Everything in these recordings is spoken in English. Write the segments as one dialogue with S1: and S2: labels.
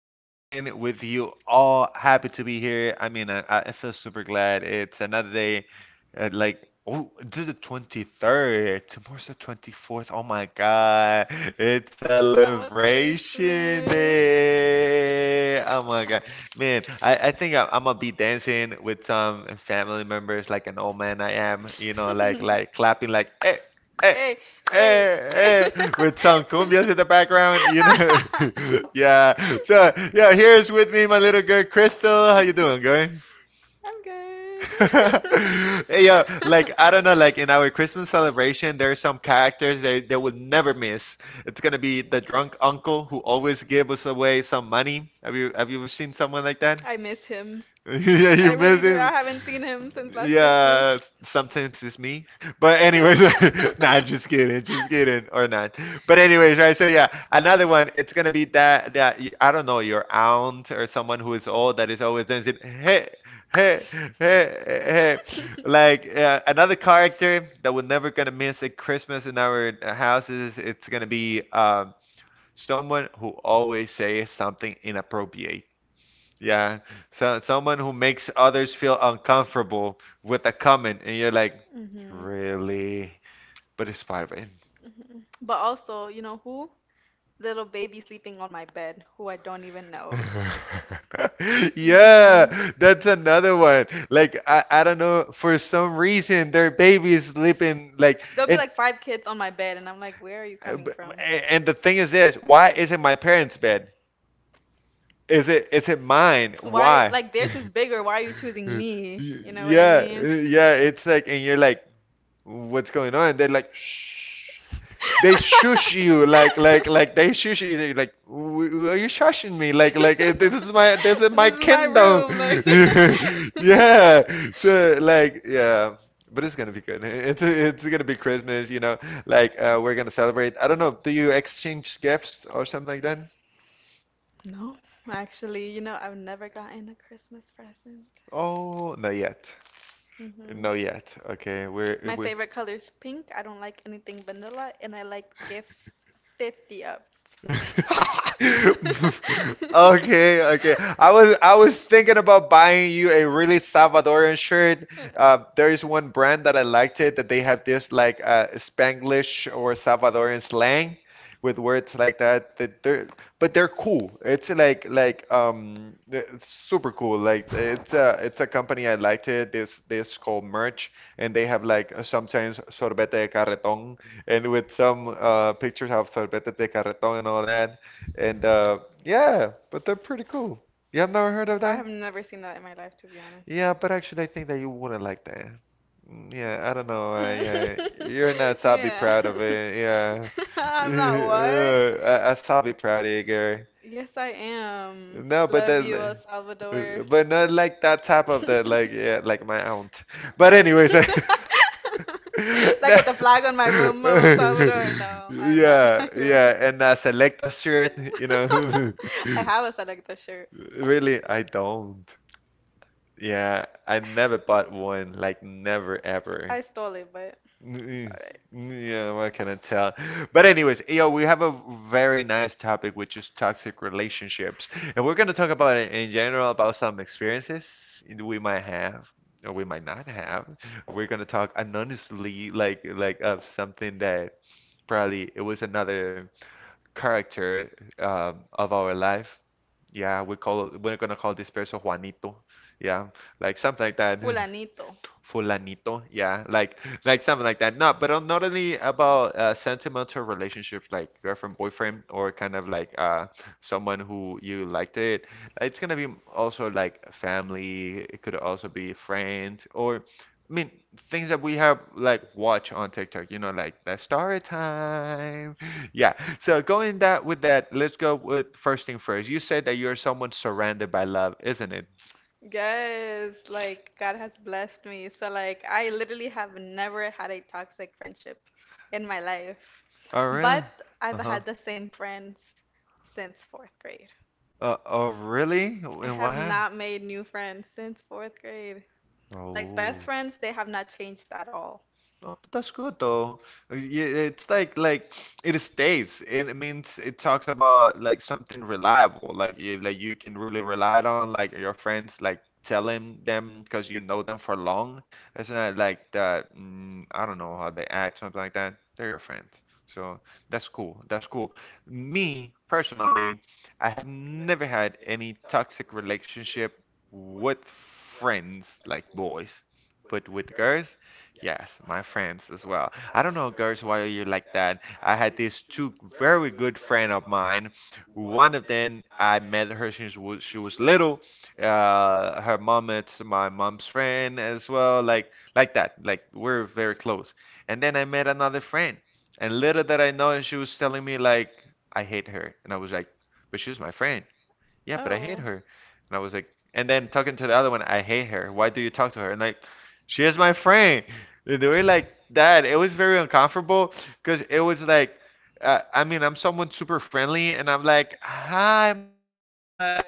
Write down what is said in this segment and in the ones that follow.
S1: again with you all. Happy to be here. I mean, I feel super glad. It's another day. Like, oh, it's the 23rd. Tomorrow's the 24th. Oh my God. It's
S2: It's
S1: celebration day. Oh my God. Man, I think I'm gonna be dancing with some family members like an old man I am, you know, like clapping like hey, hey, hey, hey, with some cumbias in the background, you know. Yeah. So yeah, here's with me my little girl Crystal. How you doing, girl?
S2: I'm good.
S1: Hey yo, like I don't know, like in our Christmas celebration, there's some characters they will never miss.
S2: Know,
S1: It's gonna be the drunk uncle who always gives us away some money. Have you ever seen someone like that?
S2: I miss him.
S1: Yeah, you miss him.
S2: Haven't seen him since
S1: Yeah, sometimes it's me. But anyways, nah, just kidding, or not. But anyways, right? So yeah, another one. It's gonna be that I don't know your aunt or someone who is old that is always dancing. Hey, hey, hey, hey, hey. Like another character that we're never gonna miss at Christmas in our houses. It's gonna be someone who always says something inappropriate. Yeah, so someone who makes others feel uncomfortable with a comment, and you're like,
S2: hmm
S1: really? But it's Spider-Man.
S2: hmm But also, you know who? Little baby sleeping on my bed, who I don't even know.
S1: Yeah,
S2: hmm
S1: that's another one. Like I don't know, for some reason their baby is sleeping like
S2: There'll be
S1: and
S2: like five kids on my bed, and I'm like, where are you
S1: Uh, b-
S2: coming
S1: b-
S2: from?
S1: and the thing is this, why is it my parents' bed? Is it mine?
S2: Why,
S1: Why?
S2: like, theirs is bigger. Why are you choosing
S1: Y-
S2: me? You know what I
S1: Yeah, uh,
S2: mean?
S1: yeah, it's like and you're like what's going on? They're like, shh.
S2: they,
S1: They shush you like they shush you. They're like, are you shushing me? Like eh, this is my
S2: This is my
S1: kingdom.
S2: room, like.
S1: Yeah. So like yeah. But it's gonna be good. It's gonna be Christmas, you know. Like we're gonna celebrate. I don't know. Do you exchange gifts or something like that?
S2: No, actually, I've never gotten a Christmas present.
S1: Oh, not yet.
S2: hmm
S1: Not yet. Okay, we're
S2: My
S1: we.
S2: favorite color is pink. I don't like anything vanilla, and I like gift 50 up. I
S1: Okay, okay. I was thinking about buying you a really Salvadorian shirt. There is one brand that I liked it that they have this like Spanglish or Salvadorian slang with words like that. That they're but they're cool. It's like super cool. Like it's a company I liked it. This called Merch, and they have like sometimes sorbete de carretón and with some pictures of sorbete de carreton and all that. And yeah, but they're pretty cool. You have never heard of
S2: I have
S1: that?
S2: it? Never seen that in my life, to be honest.
S1: Yeah, but actually, I think that you wouldn't like that. Yeah, I don't know. Yeah, you're not sobby
S2: yeah.
S1: proud of it. Yeah,
S2: I'm not what?
S1: I sobby proud, Edgar.
S2: Yes, I am.
S1: No, but
S2: Love
S1: that,
S2: you, El Salvador.
S1: but not like that type of the like yeah, like my aunt. But anyways,
S2: Like with the flag on my room of El Salvador. No, I am not
S1: yeah,
S2: that girl.
S1: yeah, and a selector shirt, you know.
S2: I have a selector shirt.
S1: Really, I don't. Yeah, I never bought one, like never ever.
S2: I stole it, but it's
S1: Mm,
S2: alright.
S1: Yeah, what can I tell? But anyways, yo, we have a very nice topic, which is toxic relationships, and we're gonna talk about it in general about some experiences we might have or we might not have. We're gonna talk anonymously, like of something that probably it was another character of our life. Yeah, we're gonna call this person Juanito. Yeah, like something like that.
S2: Fulanito.
S1: Fulanito, yeah, like something like that. No, but not only about sentimental relationships like girlfriend, boyfriend, or kind of like someone who you liked it. Like, it's gonna be also like family. It could also be friends, or I mean things that we have like watch on TikTok. You know, like the story time. Yeah, so going that with that, let's go with first thing first. You said that you're someone surrounded by love, isn't it?
S2: Yes, like God has blessed me. So like I literally have never had a toxic friendship in my life.
S1: Oh, really?
S2: But I've
S1: Uh-huh.
S2: had the same friends since fourth grade.
S1: Oh, really?
S2: I
S1: And what
S2: have
S1: happened?
S2: not made new friends since fourth grade. Like
S1: Oh.
S2: best friends, they have not changed at all.
S1: Oh, but that's good though. Yeah, it's like it states. And it means it talks about like something reliable, like you can really rely on, like your friends, like telling them because you know them for long. It's not like that. I don't know how they act, something like that. They're your friends, so that's cool. That's cool. Me personally, I have never had any toxic relationship with friends, like boys, but with girls, yes, my friends as well. I don't know, girls, why are you like that? I had these two very good friend of mine. One of them, I met her since she was little. Her mom is my mom's friend as well, like that. Like we're very close. And then I met another friend, and little that I know, she was telling me like I hate her, and I was like, but she's my friend yeah, but I hate
S2: Oh.
S1: her. And I was like, and then talking to the other one, I hate her. Why do you talk to her? And like, she is my friend. And they were like that. It was very uncomfortable because it was like, I mean, I'm someone super friendly, and I'm like, hi, Marcella.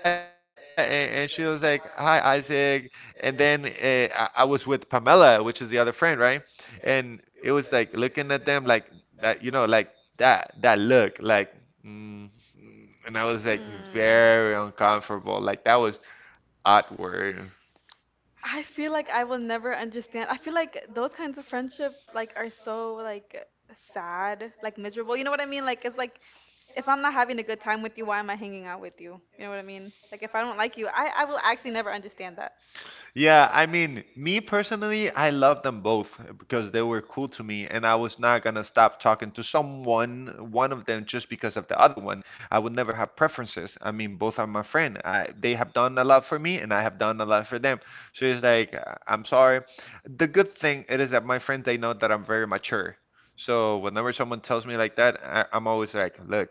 S1: And she was like, hi, Isaac. And then I was with Pamela, which is the other friend, right? And it was like looking at them like that, you know, like that, that look, like, Mm, and I was like
S2: Mm.
S1: very uncomfortable. Like that was awkward.
S2: I feel like I will never understand. I feel like those kinds of friendship like are so like sad, like miserable. You know what I mean? Like it's like if I'm not having a good time with you, why am I hanging out with you? You know what I mean? Like if I don't like you, I will actually never understand that.
S1: Yeah, I mean, me personally, I love them both because they were cool to me, and I was not gonna stop talking to someone, one of them, just because of the other one. I would never have preferences. I mean, both are my friend. They have done a lot for me, and I have done a lot for them. So it's like, I'm sorry. The good thing it is that my friends, they know that I'm very mature. So whenever someone tells me like that, I'm always like, look,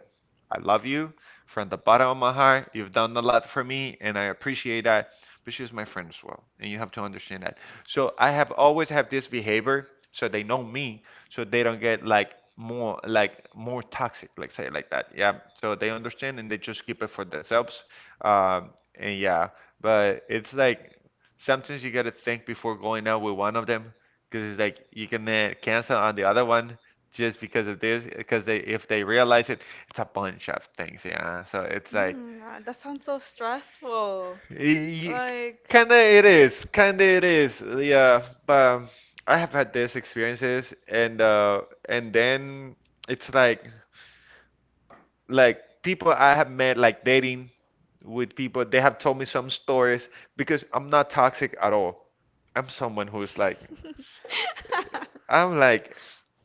S1: I love you from the bottom of my heart. You've done a lot for me, and I appreciate that but she was my friend as well, and you have to understand that. So I have always have this behavior, so they know me, so they don't get like more toxic, like say like that. Yeah, so they understand and they just keep it for themselves. And yeah, but it's like sometimes you gotta think before going out with one of them, because it's like you can cancel on the other one just because of this, because they if they realize it, it's a bunch of things. Yeah, so it's like.
S2: God, that sounds so stressful.
S1: Y- y-
S2: Like
S1: Kinda it is, kinda it is. Yeah, but I have had these experiences, and then it's like people I have met like dating with people. They have told me some stories because I'm not toxic at all. I'm someone who's like I'm like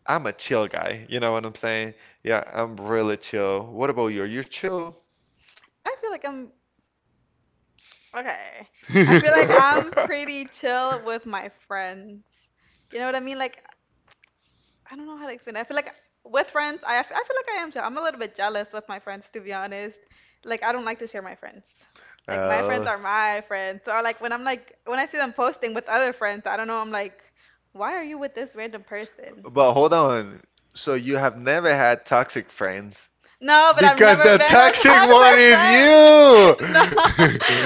S1: I'm a chill guy. You know what I'm saying? Yeah, I'm really chill. What about you? You're chill?
S2: I feel like I'm okay. I feel like I'm pretty chill with my friends. You know what I mean? Like, I don't know how to explain it. I feel like with friends, I feel like I am chill. I'm a little bit jealous with my friends, to be honest. Like, I don't like to share my friends. Like, my friends are my friends. So, like, when
S1: Oh.
S2: I'm like, when I see them posting with other friends, I don't know, I'm like, why are you with this random person?
S1: But hold on. So you have never had toxic friends?
S2: No, but I've
S1: Because
S2: never
S1: the
S2: been a
S1: toxic one is
S2: friend.
S1: you.
S2: No,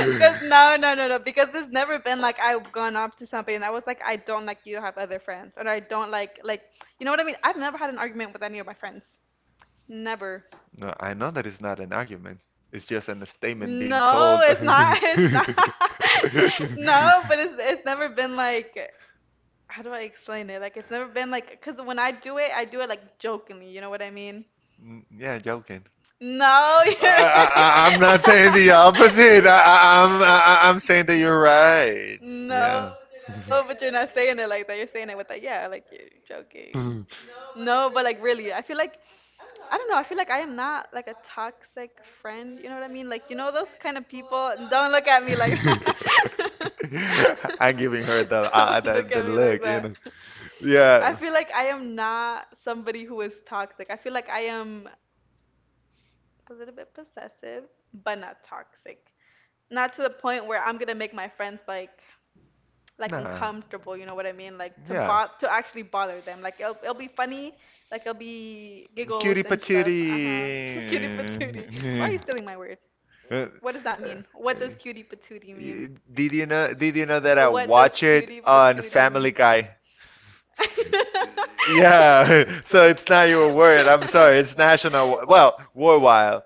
S2: because no, no, no, no, because it's never been like I've gone up to somebody and I was like, I don't like you have other friends, or I don't like you know what I mean? I've never had an argument with any of my friends. Never.
S1: No, I know that is not an argument. It's just an statement being told.
S2: No, it's not. It's not. No, but it's never been like how do I explain it? Like it's never been like because when I do it like jokingly. You know what I mean?
S1: Yeah, joking.
S2: No,
S1: I,
S2: you're
S1: I, I- I'm not saying the opposite.
S2: I,
S1: I'm saying that like, you're right.
S2: No,
S1: Yeah.
S2: but you're not saying it like that. You're saying it with a yeah, like you're joking.
S1: Mm.
S2: No, but like really, I feel like I don't know. I feel like I am not like a toxic friend. You know what I mean? Like you know those kind of people. Don't look at me like that. you right
S1: Like giving her the
S2: Don't look at me like
S1: look, you
S2: that.
S1: know.
S2: Definitely.
S1: Yeah.
S2: I
S1: Yeah.
S2: feel like I am not somebody who is toxic. I feel like I am a little bit possessive, but not toxic. Not to the point where I'm gonna make my friends like
S1: Nah.
S2: uncomfortable, you know what I mean? Like
S1: Yeah.
S2: to actually bother them. Like it'll be funny, like it'll be giggles
S1: Cutie
S2: and stuff.
S1: patootie.
S2: Uh-huh. Cutie patootie. Why are you stealing my word?
S1: Uh, uh,
S2: What does that mean?
S1: uh,
S2: What does cutie patootie mean?
S1: y- Did you know? Did you know that I
S2: Or what does
S1: watch it
S2: cutie
S1: on
S2: patootie mean?
S1: Family Guy? Yeah,
S2: So
S1: so
S2: it's
S1: it's
S2: not
S1: not
S2: even
S1: your
S2: a word.
S1: word.
S2: I'm
S1: I'm
S2: sorry.
S1: sorry.
S2: It's
S1: It's
S2: national.
S1: national.
S2: Well,
S1: Well,
S2: war wild.
S1: worldwide.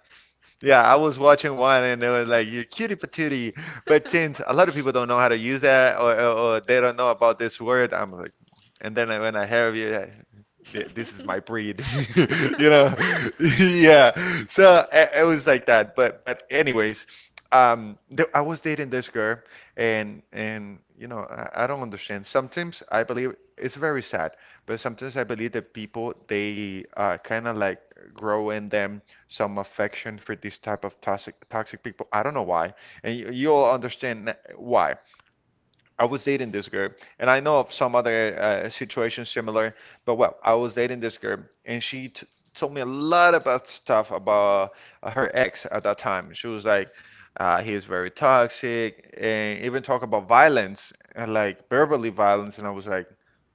S1: Yeah, I was watching one and it was like you're cutie patootie. But since a lot of people don't know how to use that or they don't know about this word, I'm like, and then when I hear you, this is my
S2: It's
S1: breed,
S2: like,
S1: you
S2: you know?
S1: know? Yeah. So it was like that. But anyways, th I was dating this girl and you know I don't understand. Sometimes I believe it's very sad, but sometimes I believe that people they kind of like grow in them some affection for this type of toxic people. I don't know why, and you, you'll understand why. I was dating this girl, and I know of some other situations similar, but well, I was dating this girl, and she t told me a lot about stuff about her ex at that time. She was like, he is very toxic, and even talk about violence, and like verbally violence, and I was like,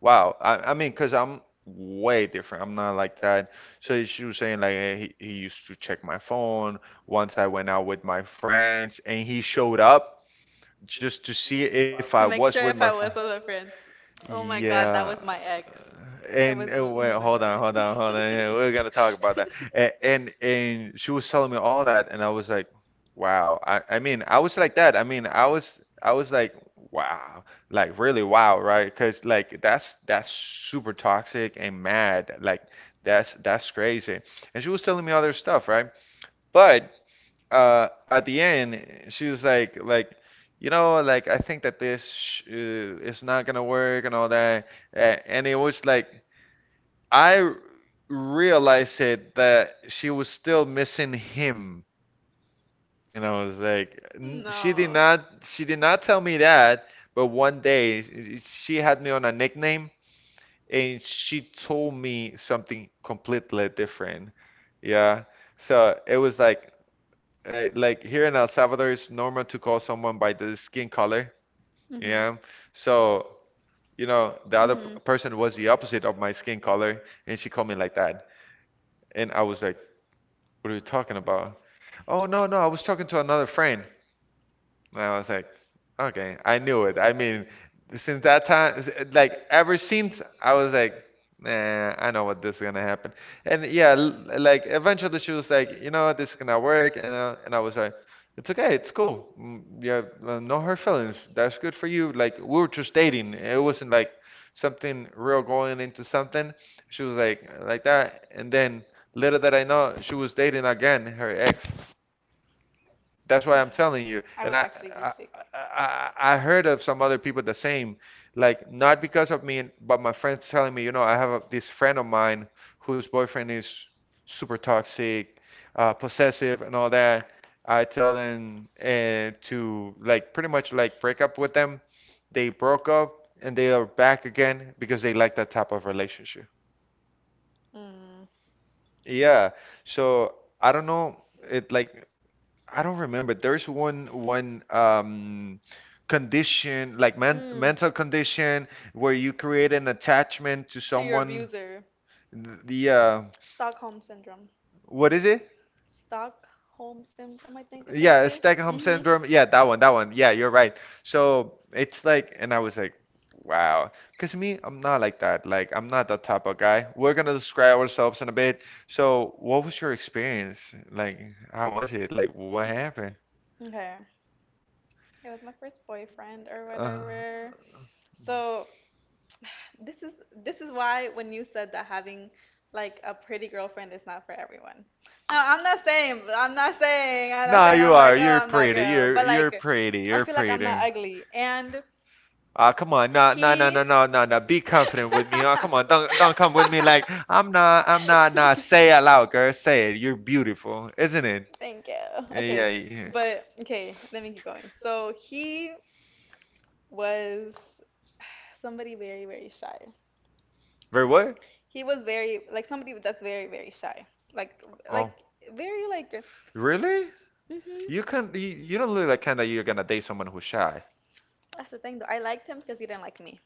S1: wow. I mean, because I'm way different. I'm not like that. So she was saying like he used to check my phone once I went out with my friends, and he showed up just to see if I
S2: To
S1: was
S2: make
S1: with
S2: sure
S1: my
S2: if I
S1: friend.
S2: was with her friends. Oh my god, that
S1: Yeah.
S2: was my ex. That
S1: And
S2: was
S1: wait,
S2: literally
S1: hold
S2: my
S1: on, hold
S2: ex.
S1: on, hold on. Yeah, we're gonna talk about that. And she was telling me all that, and I was like, wow. I mean, I was like that. I mean, I was like, wow, like really wow, right? Because like that's super toxic and mad. Like that's crazy. And she was telling me other stuff, right? But at the end she was like like I think that this sh is not gonna work and all that and it was like I realized it that she was still missing him, and I was like, " she did
S2: No.
S1: not she did not tell me that. But one day she had me on a nickname and she told me something completely different. Yeah, so it was like here in El Salvador, it's normal to call someone by the skin color.
S2: Mhm.
S1: Yeah. So, you know, the other
S2: Mhm.
S1: person was the opposite of my skin color, and she called me like that. And I was like, "What are you talking about?" "Oh, no, no, I was talking to another friend." And I was like, okay, I knew it. I mean, since that time, like ever since, I was like, nah, I know what this is gonna happen. And yeah, like eventually she was like, you know what, this is gonna work. And and I was like, it's okay, it's cool. Mm, yeah, no hurt feelings. That's good for you. Like, we were just dating. It wasn't like something real going into something. She was like that. And then little did I know, she was dating again her ex That's why I'm telling you.
S2: I
S1: And
S2: would actually be
S1: I
S2: sick.
S1: I heard of some other people the same, like, not because of me, but my friends telling me, you know, I have this friend of mine whose boyfriend is super toxic, possessive, and all that. I tell them to like pretty much like break up with them. They broke up and they are back again because they like that type of relationship.
S2: Mm.
S1: Yeah. So I don't know. It like I don't remember. There's one condition like
S2: Mm.
S1: mental condition where you create an attachment to
S2: Your
S1: someone.
S2: abuser.
S1: The
S2: Stockholm syndrome.
S1: what is it?
S2: Stockholm syndrome, I think is what
S1: Yeah, Stockholm
S2: hmm
S1: syndrome. Yeah, that one, that one. Yeah, you're right. So it's like, and I was like, wow. Because me, I'm not like that. Like, I'm not that type of guy. We're gonna describe ourselves in a bit. So, what was your experience? Like, how was it? Like, what happened?
S2: happened? Okay. It was my first boyfriend or
S1: Uh,
S2: whatever. So this is this is why when you said that having like a pretty girlfriend is not for everyone. No, I'm not saying I'm not saying I'm not
S1: No,
S2: saying
S1: you
S2: I'm like,
S1: are.
S2: oh,
S1: You're
S2: I'm that
S1: pretty.
S2: girl.
S1: You're
S2: But
S1: you're
S2: like
S1: pretty.
S2: I
S1: You're
S2: feel like I'm not
S1: pretty.
S2: ugly.
S1: Ah, come on. No, no, no,
S2: He-
S1: no, no, no, no. Be confident with me. Oh, come on. Don't come with me like I'm not. I'm not. Nah. Say it out loud, girl. Say it. You're beautiful, isn't it?
S2: Thank you. Okay.
S1: Yeah,
S2: Yeah,
S1: yeah.
S2: but okay, let me keep going. So he was somebody very, very shy.
S1: Very what?
S2: He was very like somebody that's very, very shy. Like like
S1: Oh,
S2: very like mhm.
S1: really? You
S2: you,
S1: can. You don't look like kind of you're gonna date someone who's shy.
S2: That's the thing though. I liked him because he didn't like me.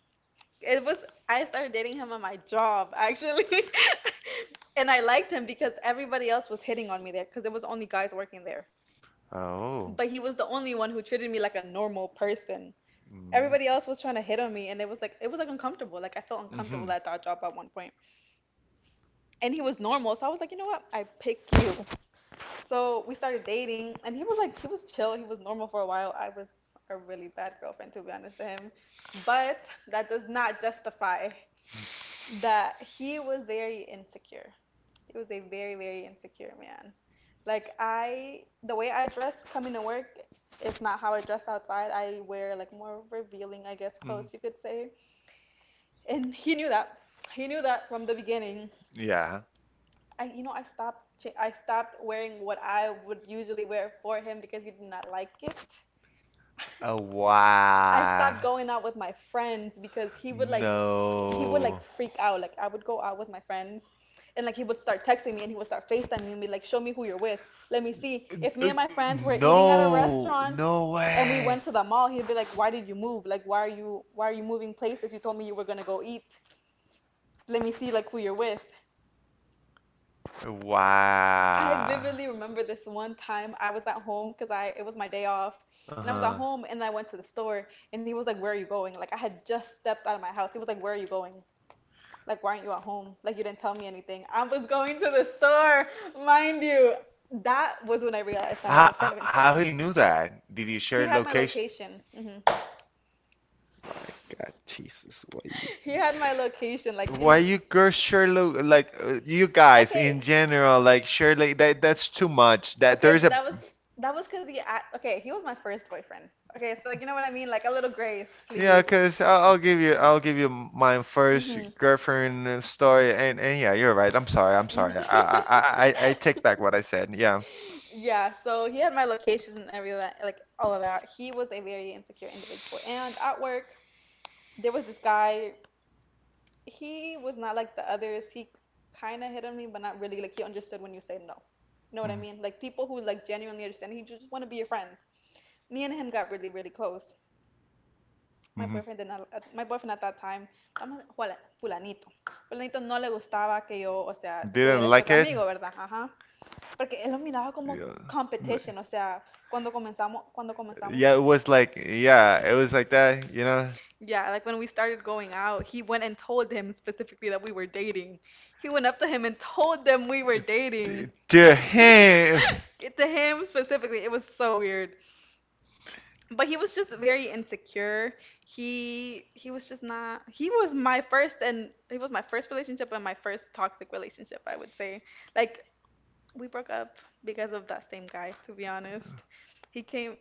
S2: It was I started dating him on my job actually. And I liked him because everybody else was hitting on me there because there was only guys working there.
S1: Oh.
S2: But he was the only one who treated me like a normal person.
S1: Mm.
S2: Everybody else was trying to hit on me and it was like uncomfortable. Like I felt
S1: hmm
S2: uncomfortable at that job at one point. And he was normal, so I was like, you know what? I pick you. So we started dating and he was chill, he was normal for a while. I was a really bad girlfriend to be honest to him. But that does not justify that he was very insecure. He was a very, very insecure man. Like the way I dress coming to work is not how I dress outside. I wear like more revealing, I guess, clothes
S1: Mm,
S2: you could say. And he knew that. He knew that from the beginning.
S1: yeah.
S2: I stopped. I stopped wearing what I would usually wear for him because he did not like it.
S1: Oh,
S2: I
S1: wow.
S2: stopped going out with my friends because he would like
S1: No.
S2: freak out. Like I would go out with my friends and like he would start texting me and he would start FaceTiming me and be like, "Show me who you're with." Let me see. If me
S1: Uh, uh,
S2: and my friends were eating at a
S1: no.
S2: restaurant
S1: No
S2: and we
S1: way.
S2: went to the mall, he'd be like, "Why did you move?" Like why are you moving places? You told me you were gonna go eat. Let me see like who you're with.
S1: Wow.
S2: I vividly remember this one time I was at home because I it was my day off, and I was at
S1: Uh-huh.
S2: home and I went to the store and he was like, "Where are you going?" Like I had just stepped out of my house. He was like, "Where are you going?" Like why aren't you at home? Like you didn't tell me anything. I was going to the store, mind you. That was when I realized that man was kind
S1: How,
S2: of insane.
S1: how he knew that? Did you
S2: He
S1: share
S2: had my
S1: location?
S2: location.
S1: God, Jesus, why
S2: He
S1: you?
S2: had my location. Like you
S1: Why
S2: know.
S1: you curse Sherlock? Like you guys
S2: Okay.
S1: in general, like Sherlock, that's too much. That
S2: Okay,
S1: there's
S2: but
S1: a,
S2: that was because he. Okay, he was my first boyfriend. Okay, so like you know what I mean, like a little grace,
S1: yeah,
S2: please.
S1: cause I'll give you my first
S2: Mhm.
S1: girlfriend story, and yeah, you're right. I'm sorry, I'm sorry. I
S2: Mhm.
S1: I I, I I take back what I said. Yeah.
S2: Yeah. So he had my locations and everything, like all of that. He was a very insecure individual, and at work there was this guy. He was not like the others. He kind of hit on me, but not really. Like he understood when you say no. You know what I
S1: Mhm.
S2: mean? Like people who like genuinely understand. He just want to be your friend. Me and him got really, really close. My
S1: Mhm.
S2: boyfriend, did not- at- My boyfriend at that time, fulanito. Fulanito no le gustaba que yo, o sea,
S1: Didn't
S2: tuviera este
S1: like
S2: otro
S1: it.
S2: amigo, ¿verdad? Ajá. Porque él lo miraba como
S1: Yeah.
S2: competition, o sea, cuando comenzamos.
S1: Yeah, it was like, yeah, it was like that, you know.
S2: Yeah, like when we started going out, he went and told him specifically that we were dating. He went up to him and told them we were dating.
S1: D- To him.
S2: To him specifically, it was so weird. But he was just very insecure. He was just not. He was my first and he was my first relationship and my first toxic relationship, I would say. Like we broke up because of that same guy, to be honest. He came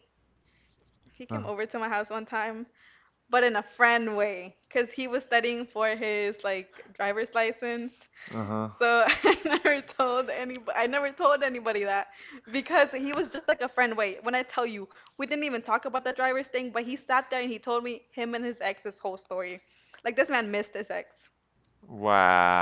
S2: he
S1: Uh
S2: came over to my house one time, but in a friend way, 'cause he was studying for his like driver's license
S1: huh.
S2: so I never told anybody that because he was just like a friend. Wait, when I tell you, we didn't even talk about the driver's thing, but he sat there and he told me him and his ex's whole story. Like this man missed his ex.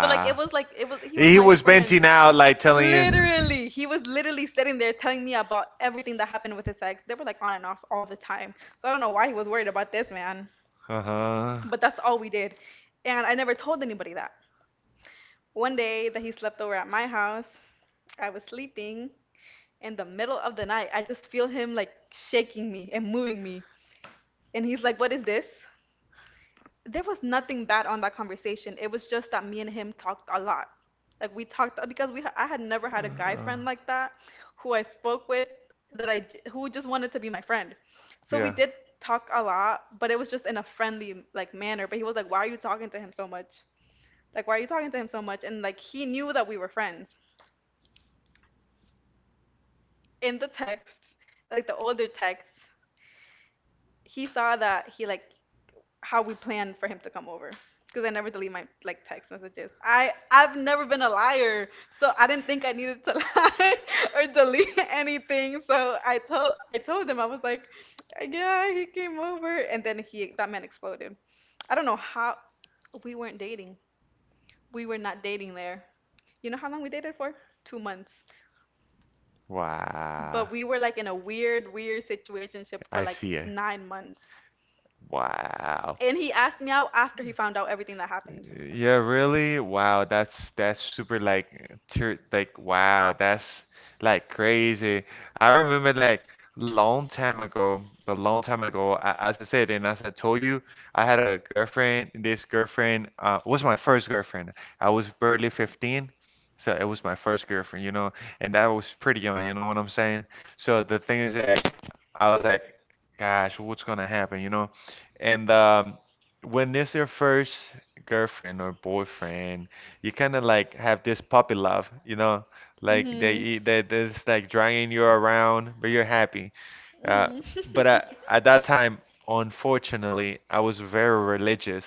S2: So like it was he was
S1: He
S2: my
S1: was
S2: friend.
S1: venting out, like telling you.
S2: Literally, he was literally sitting there telling me about everything that happened with his ex. They were like on and off all the time. So I don't know why he was worried about this man,
S1: Uh huh.
S2: but that's all we did. And I never told anybody that. One day that he slept over at my house, I was sleeping in the middle of the night. I just feel him like shaking me and moving me. And he's like, "What is this?" There was nothing bad on that conversation. It was just that me and him talked a lot. Like we talked because I had never had a guy friend like that who I spoke with who just wanted to be my friend. So we
S1: Yeah.
S2: did talk a lot, but it was just in a friendly like manner. But he was like, "Why are you talking to him so much? Like why are you talking to him so much?" And like he knew that we were friends in the text, like the older text, he saw that he like how we planned for him to come over because I never delete my like text messages. I've never been a liar, so I didn't think I needed to lie or delete anything. So I told him. I was like, yeah, he came over, and then he that man exploded. I don't know how we weren't dating. We were not dating there. You know how long we dated for? 2 months. But
S1: Wow.
S2: we were like in a weird, weird situationship for
S1: I
S2: like
S1: see it.
S2: 9 months.
S1: Wow.
S2: And he asked me out after he found out everything that happened.
S1: Yeah, really? Wow, that's super like ter like wow, that's like crazy. I remember like long time ago, a long time ago, as I said and as I told you, I had a girlfriend. This girlfriend was my first girlfriend. I was barely 15, so it was my first girlfriend, you know, and that was pretty young, you know what I'm saying? So the thing is like I was like, gosh, what's gonna happen, you know? And when it's your first girlfriend or boyfriend, you kind of like have this puppy love, you know, like they
S2: Mhm.
S1: eat that that's like dragging you around, but you're happy. Uh,
S2: Mhm.
S1: but I, at that time, unfortunately, I was very religious,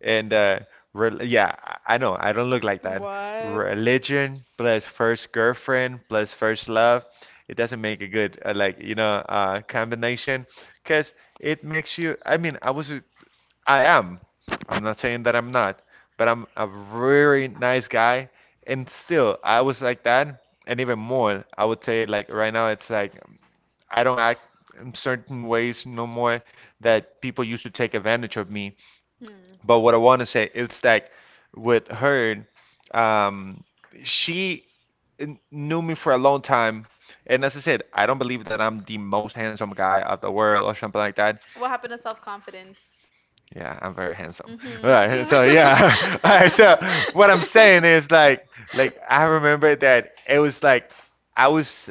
S1: and re yeah, I know I don't look like that.
S2: What?
S1: Religion plus first girlfriend plus first love, it doesn't make a good like combination, cause it makes you. I mean, I was, I am. I'm not saying that I'm not, but I'm a very nice guy. And still, I was like that. And even more, I would say, like, right now, it's like I don't act in certain ways no more that people used to take advantage of me.
S2: Hmm.
S1: But what I want to say is that with her, um, she knew me for a long time. And as I said, I don't believe that I'm the most handsome guy of the world or something like that.
S2: What happened to self confidence?
S1: Yeah, I'm very handsome.
S2: Mhm.
S1: All right, so yeah. All right, so what I'm saying is like I remember that it was like I was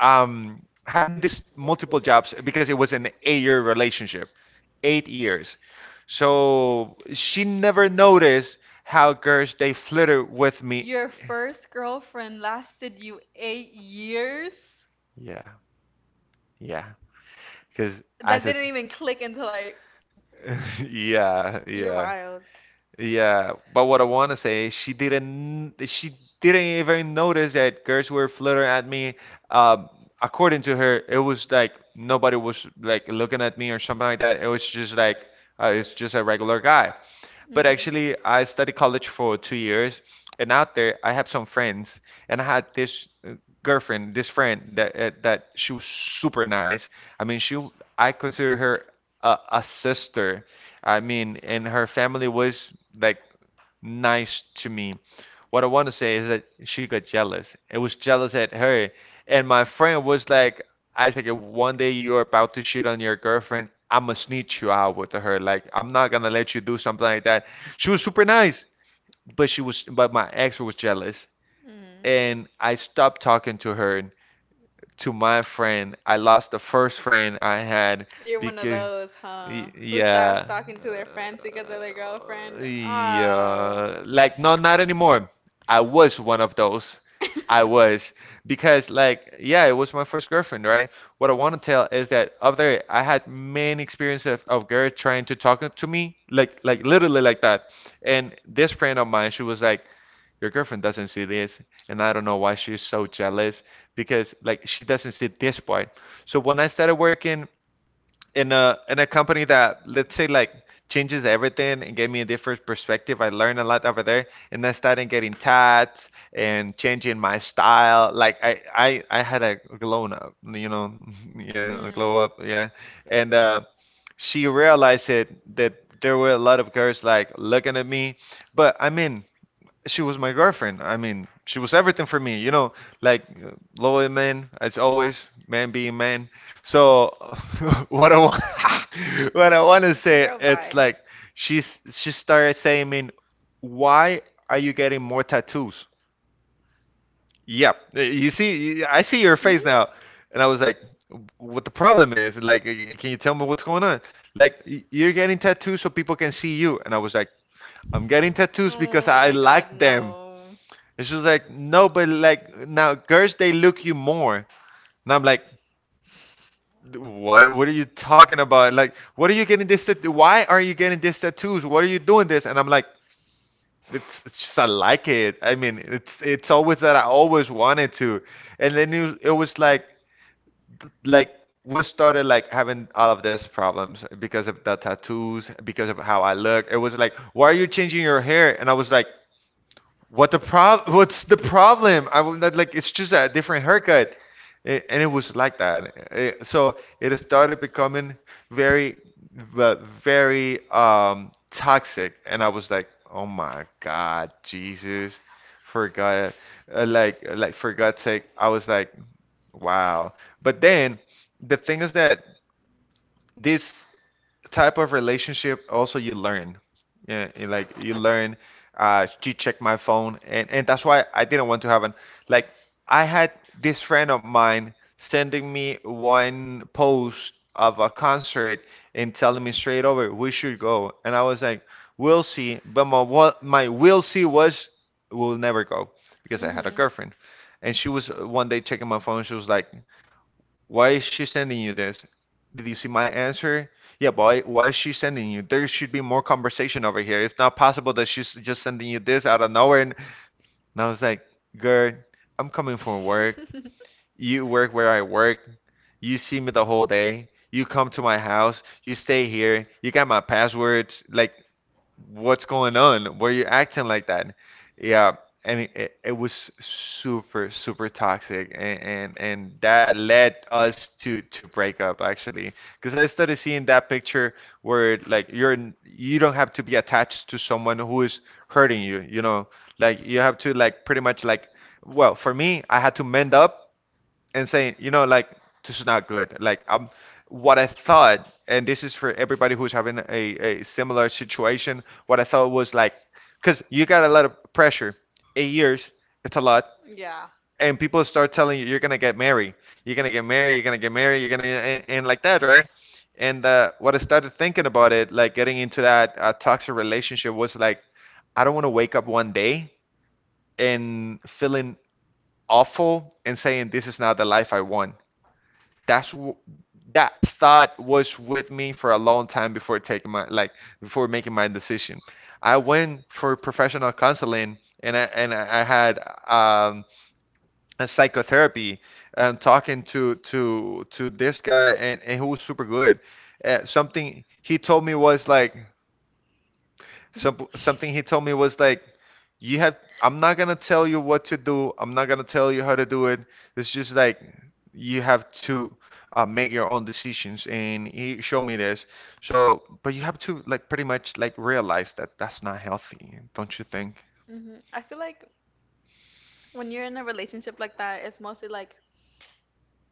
S1: having this multiple jobs because it was an eight-year relationship, 8 years. So she never noticed how girls they flitter with me.
S2: Your first girlfriend lasted you 8 years?
S1: Yeah, yeah. Because
S2: That didn't even click until like
S1: yeah,
S2: you're
S1: yeah.
S2: wild.
S1: Yeah, but what I want to say is she didn't even notice that girls were flirting at me. Um, According to her, it was like nobody was like looking at me or something like that. It was just like it's just a regular guy.
S2: Mhm.
S1: But actually, I studied college for 2 years, and out there, I have some friends, and I had this girlfriend, this friend that that she was super nice. I mean, she, I consider her a, a sister. I mean, and her family was like nice to me. What I want to say is that she got jealous. It was jealous at her. And my friend was like, Isaac, if one day you're about to shit on your girlfriend, I'm gonna snitch you out with her. Like, I'm not gonna let you do something like that. She was super nice, but she was, but my ex was jealous.
S2: Mm.
S1: And I stopped talking to her, to my friend. I lost the first friend I had
S2: You're one of
S1: because
S2: those, huh? Who stops
S1: yeah.
S2: talking to their friends because of their girlfriend? Oh.
S1: Yeah, like no, not anymore. I was one of those. I was, because like yeah, it was my first girlfriend, right? What I want to tell is that up there, I had many experiences of girls trying to talk to me, like literally like that. And this friend of mine, she was like, your girlfriend doesn't see this, and I don't know why she's so jealous because like she doesn't see this part. So when I started working in a company that let's say like changes everything and gave me a different perspective, I learned a lot over there, and I started getting tats and changing my style. Like I had a glow up, you know, yeah, a
S2: Mm.
S1: glow up, yeah, and she realized it that there were a lot of girls like looking at me, but I mean she was my girlfriend. I mean, she was everything for me, you know, like loyal man as always, man being man. So what I want, what I want to say,
S2: Girl, bye.
S1: it's like she started saying, "I mean, why are you getting more tattoos?" Yep, you see, I see your
S2: Friends
S1: face
S2: Mm? Now.
S1: now, and I was like, "What the problem is? Like, can you tell me what's going on? Like, you're getting tattoos so people can see you." And I was like, "I'm getting tattoos because
S2: Oh
S1: I
S2: my god,
S1: like them."
S2: no.
S1: And she was like, no, but like now girls they look you more. And I'm like, what? What are you talking about? Like, what are you getting this? Why are you getting these tattoos? What are you doing this? And I'm like, it's just I like it. I mean, it's always that I always wanted to. And then it was like we started like having all of these problems because of the tattoos, because of how I look. It was like, why are you changing your hair? And I was like. What the prob? What's the problem? I would not like. It's just a different haircut, and it was like that. So it started becoming very, very toxic, and I was like, oh my God, Jesus, for God, like, like, for God's sake. I was like, wow. But then the thing is that this type of relationship also you learn. Yeah, and like you learn, she checked my phone, and that's why I didn't want to have an, like, I had this friend of mine sending me one post of a concert and telling me straight over we should go, and I was like, we'll see. But my, what my we'll see was, we'll never go, because I
S2: Mhm.
S1: had a girlfriend. And she was, one day, checking my phone. She was like, why is she sending you this? Did you see my answer? Yeah, but why, is she sending you? There should be more conversation over here. It's not possible that she's just sending you this out of nowhere. And I was like, girl, I'm coming from
S2: From
S1: work.
S2: work.
S1: You work where I work. You see me the whole day. You come to my house. You stay here. You got my passwords. Like, what's going on? Why are you acting like that? Yeah, and it was super, super toxic, and, and that led us to break up, actually, because I started seeing that picture where like, you're you don't have to be attached to someone who is hurting you, you know, like you have to, like, pretty much like, well, for me, I had to mend up and saying, you know, like, this is not good. Like, what I thought, and this is for everybody who's having a similar situation. What I thought was like, because you got a lot of pressure. Eight years, it's a lot,
S2: Yeah.
S1: and people start telling you, you're gonna get married, you're gonna get married, you're gonna get married, you're gonna, and like that, right? And what I started thinking about it, like getting into that toxic relationship, was like, I don't want to wake up one day and feeling awful and saying, this is not the life I want. That's that thought was with me for a long time before taking my, like, before making my decision. I went for professional counseling, and I, and I had, um, a psychotherapy, and talking to to this guy, and he was super good. Something he told me was like, some, something he told me was like, you have, I'm not gonna tell you what to do. I'm not gonna tell you how to do it. It's just like, you have to, make your own decisions. And he showed me this. So, but you have to, like, pretty much, like, realize that that's not healthy, don't you think?
S2: Mhm. I feel like when you're in a relationship like that, it's mostly like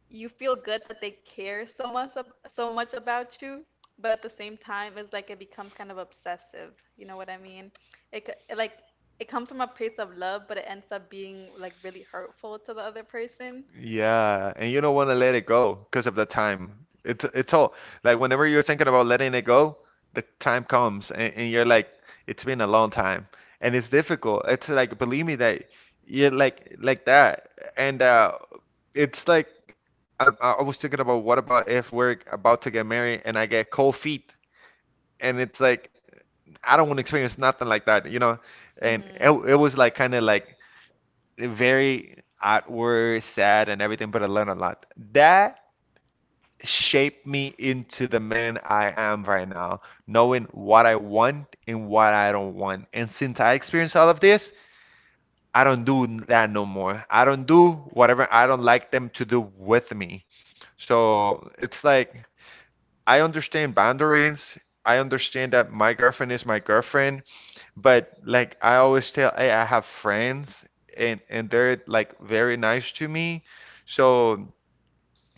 S2: you feel good that they care so much about you, but at the same time it's like it becomes kind of obsessive, you know what I mean? It like it comes from a place of love, but it ends up being like really hurtful to the other person.
S1: Yeah, and you don't want to let it go because of the time. It's all like, whenever you're thinking about letting it go, the time comes, and you're like, it's been a long time, and it's difficult. It's like, believe me, that you're like that. And it's like, I, I was thinking about, what about if we're about to get married and I get cold feet? And it's like, I don't want to experience nothing like that, you know.
S2: Mm-hmm.
S1: And it was like kind of like very outward, sad, and everything, but I learned a lot. That shaped me into the man I am right now, knowing what I want and what I don't want. And since I experienced all of this, I don't do that no more. I don't do whatever I don't like them to do with me. So it's like, I understand boundaries. I understand that my girlfriend is my girlfriend. But like, I always tell, hey, I have friends, and they're like very nice to me. So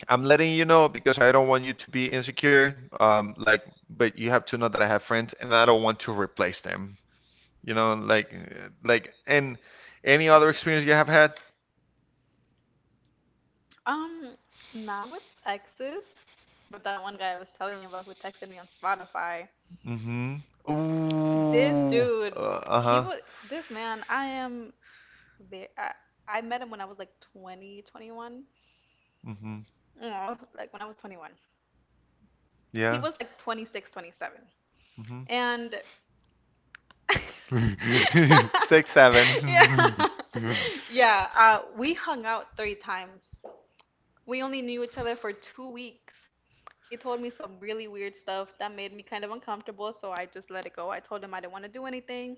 S1: I'm letting you know, because I don't want you to be insecure. Like, but you have to know that I have friends, and I don't want to replace them. You know, like, like, and any other experience you have had?
S2: um Not with exes, but that one guy I was telling you about who texted me on Spotify,
S1: Mm-hmm.
S2: this
S1: Ooh.
S2: dude, he
S1: Uh-huh.
S2: was, this man, I am there, I met him when I was like 20, 21.
S1: Mm-hmm.
S2: Oh, like when I was 21. Yeah. He
S1: Yeah.
S2: was like 26, 27. And
S1: Mm-hmm. Six, seven.
S2: yeah, yeah. We hung out three times. We only knew each other for 2 weeks. He told me some really weird stuff that made me kind of uncomfortable, so I just let it go. I told him I didn't want to do anything,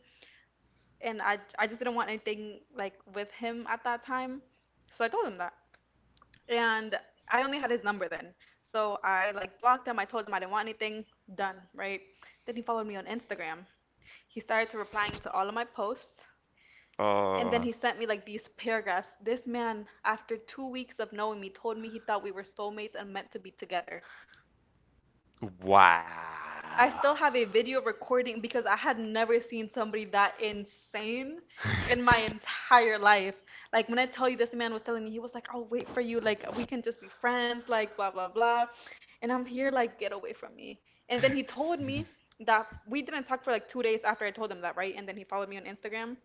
S2: and I just didn't want anything like with him at that time. So I told him that. And I only had his number then. So I like blocked him. I told him I didn't want anything. Done, right? Then he followed me on Instagram. He started to replying to all of my posts. And then
S1: Uh,
S2: he sent me like these paragraphs. This man, after 2 weeks of knowing me, told me he thought we were soulmates and meant to be together.
S1: wow.
S2: I still have a video recording because I had never seen somebody that insane in my entire life. Like when I tell you, this man was telling me, he was like, "I'll wait for you. Like we can just be friends. Like blah blah blah," and I'm here like, "Get away from me." And then he told me that— we didn't talk for like 2 days after I told him that, right? And then he followed me on Instagram.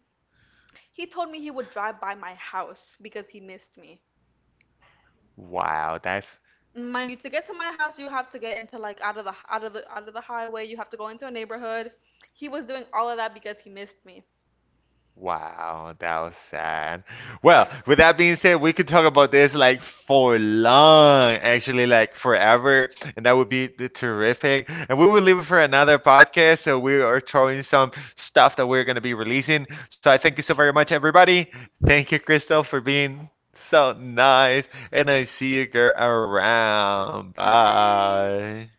S2: He told me he would drive by my house because he missed me.
S1: Wow, that's,
S2: Mind you, to get to my house, you have to get into like out of the out of the out of the highway. You have to go into a neighborhood. He was doing all of that because he missed me.
S1: wow, that was sad. Well, with that being said, we could talk about this like for long, actually, like forever, and that would be the terrific. And we will leave it for another podcast. So we are throwing some stuff that we're going to be releasing. So I thank you so very much, everybody. Thank you, Crystal, for being so nice. And I see you, girl, around.
S2: Bye.
S1: Bye.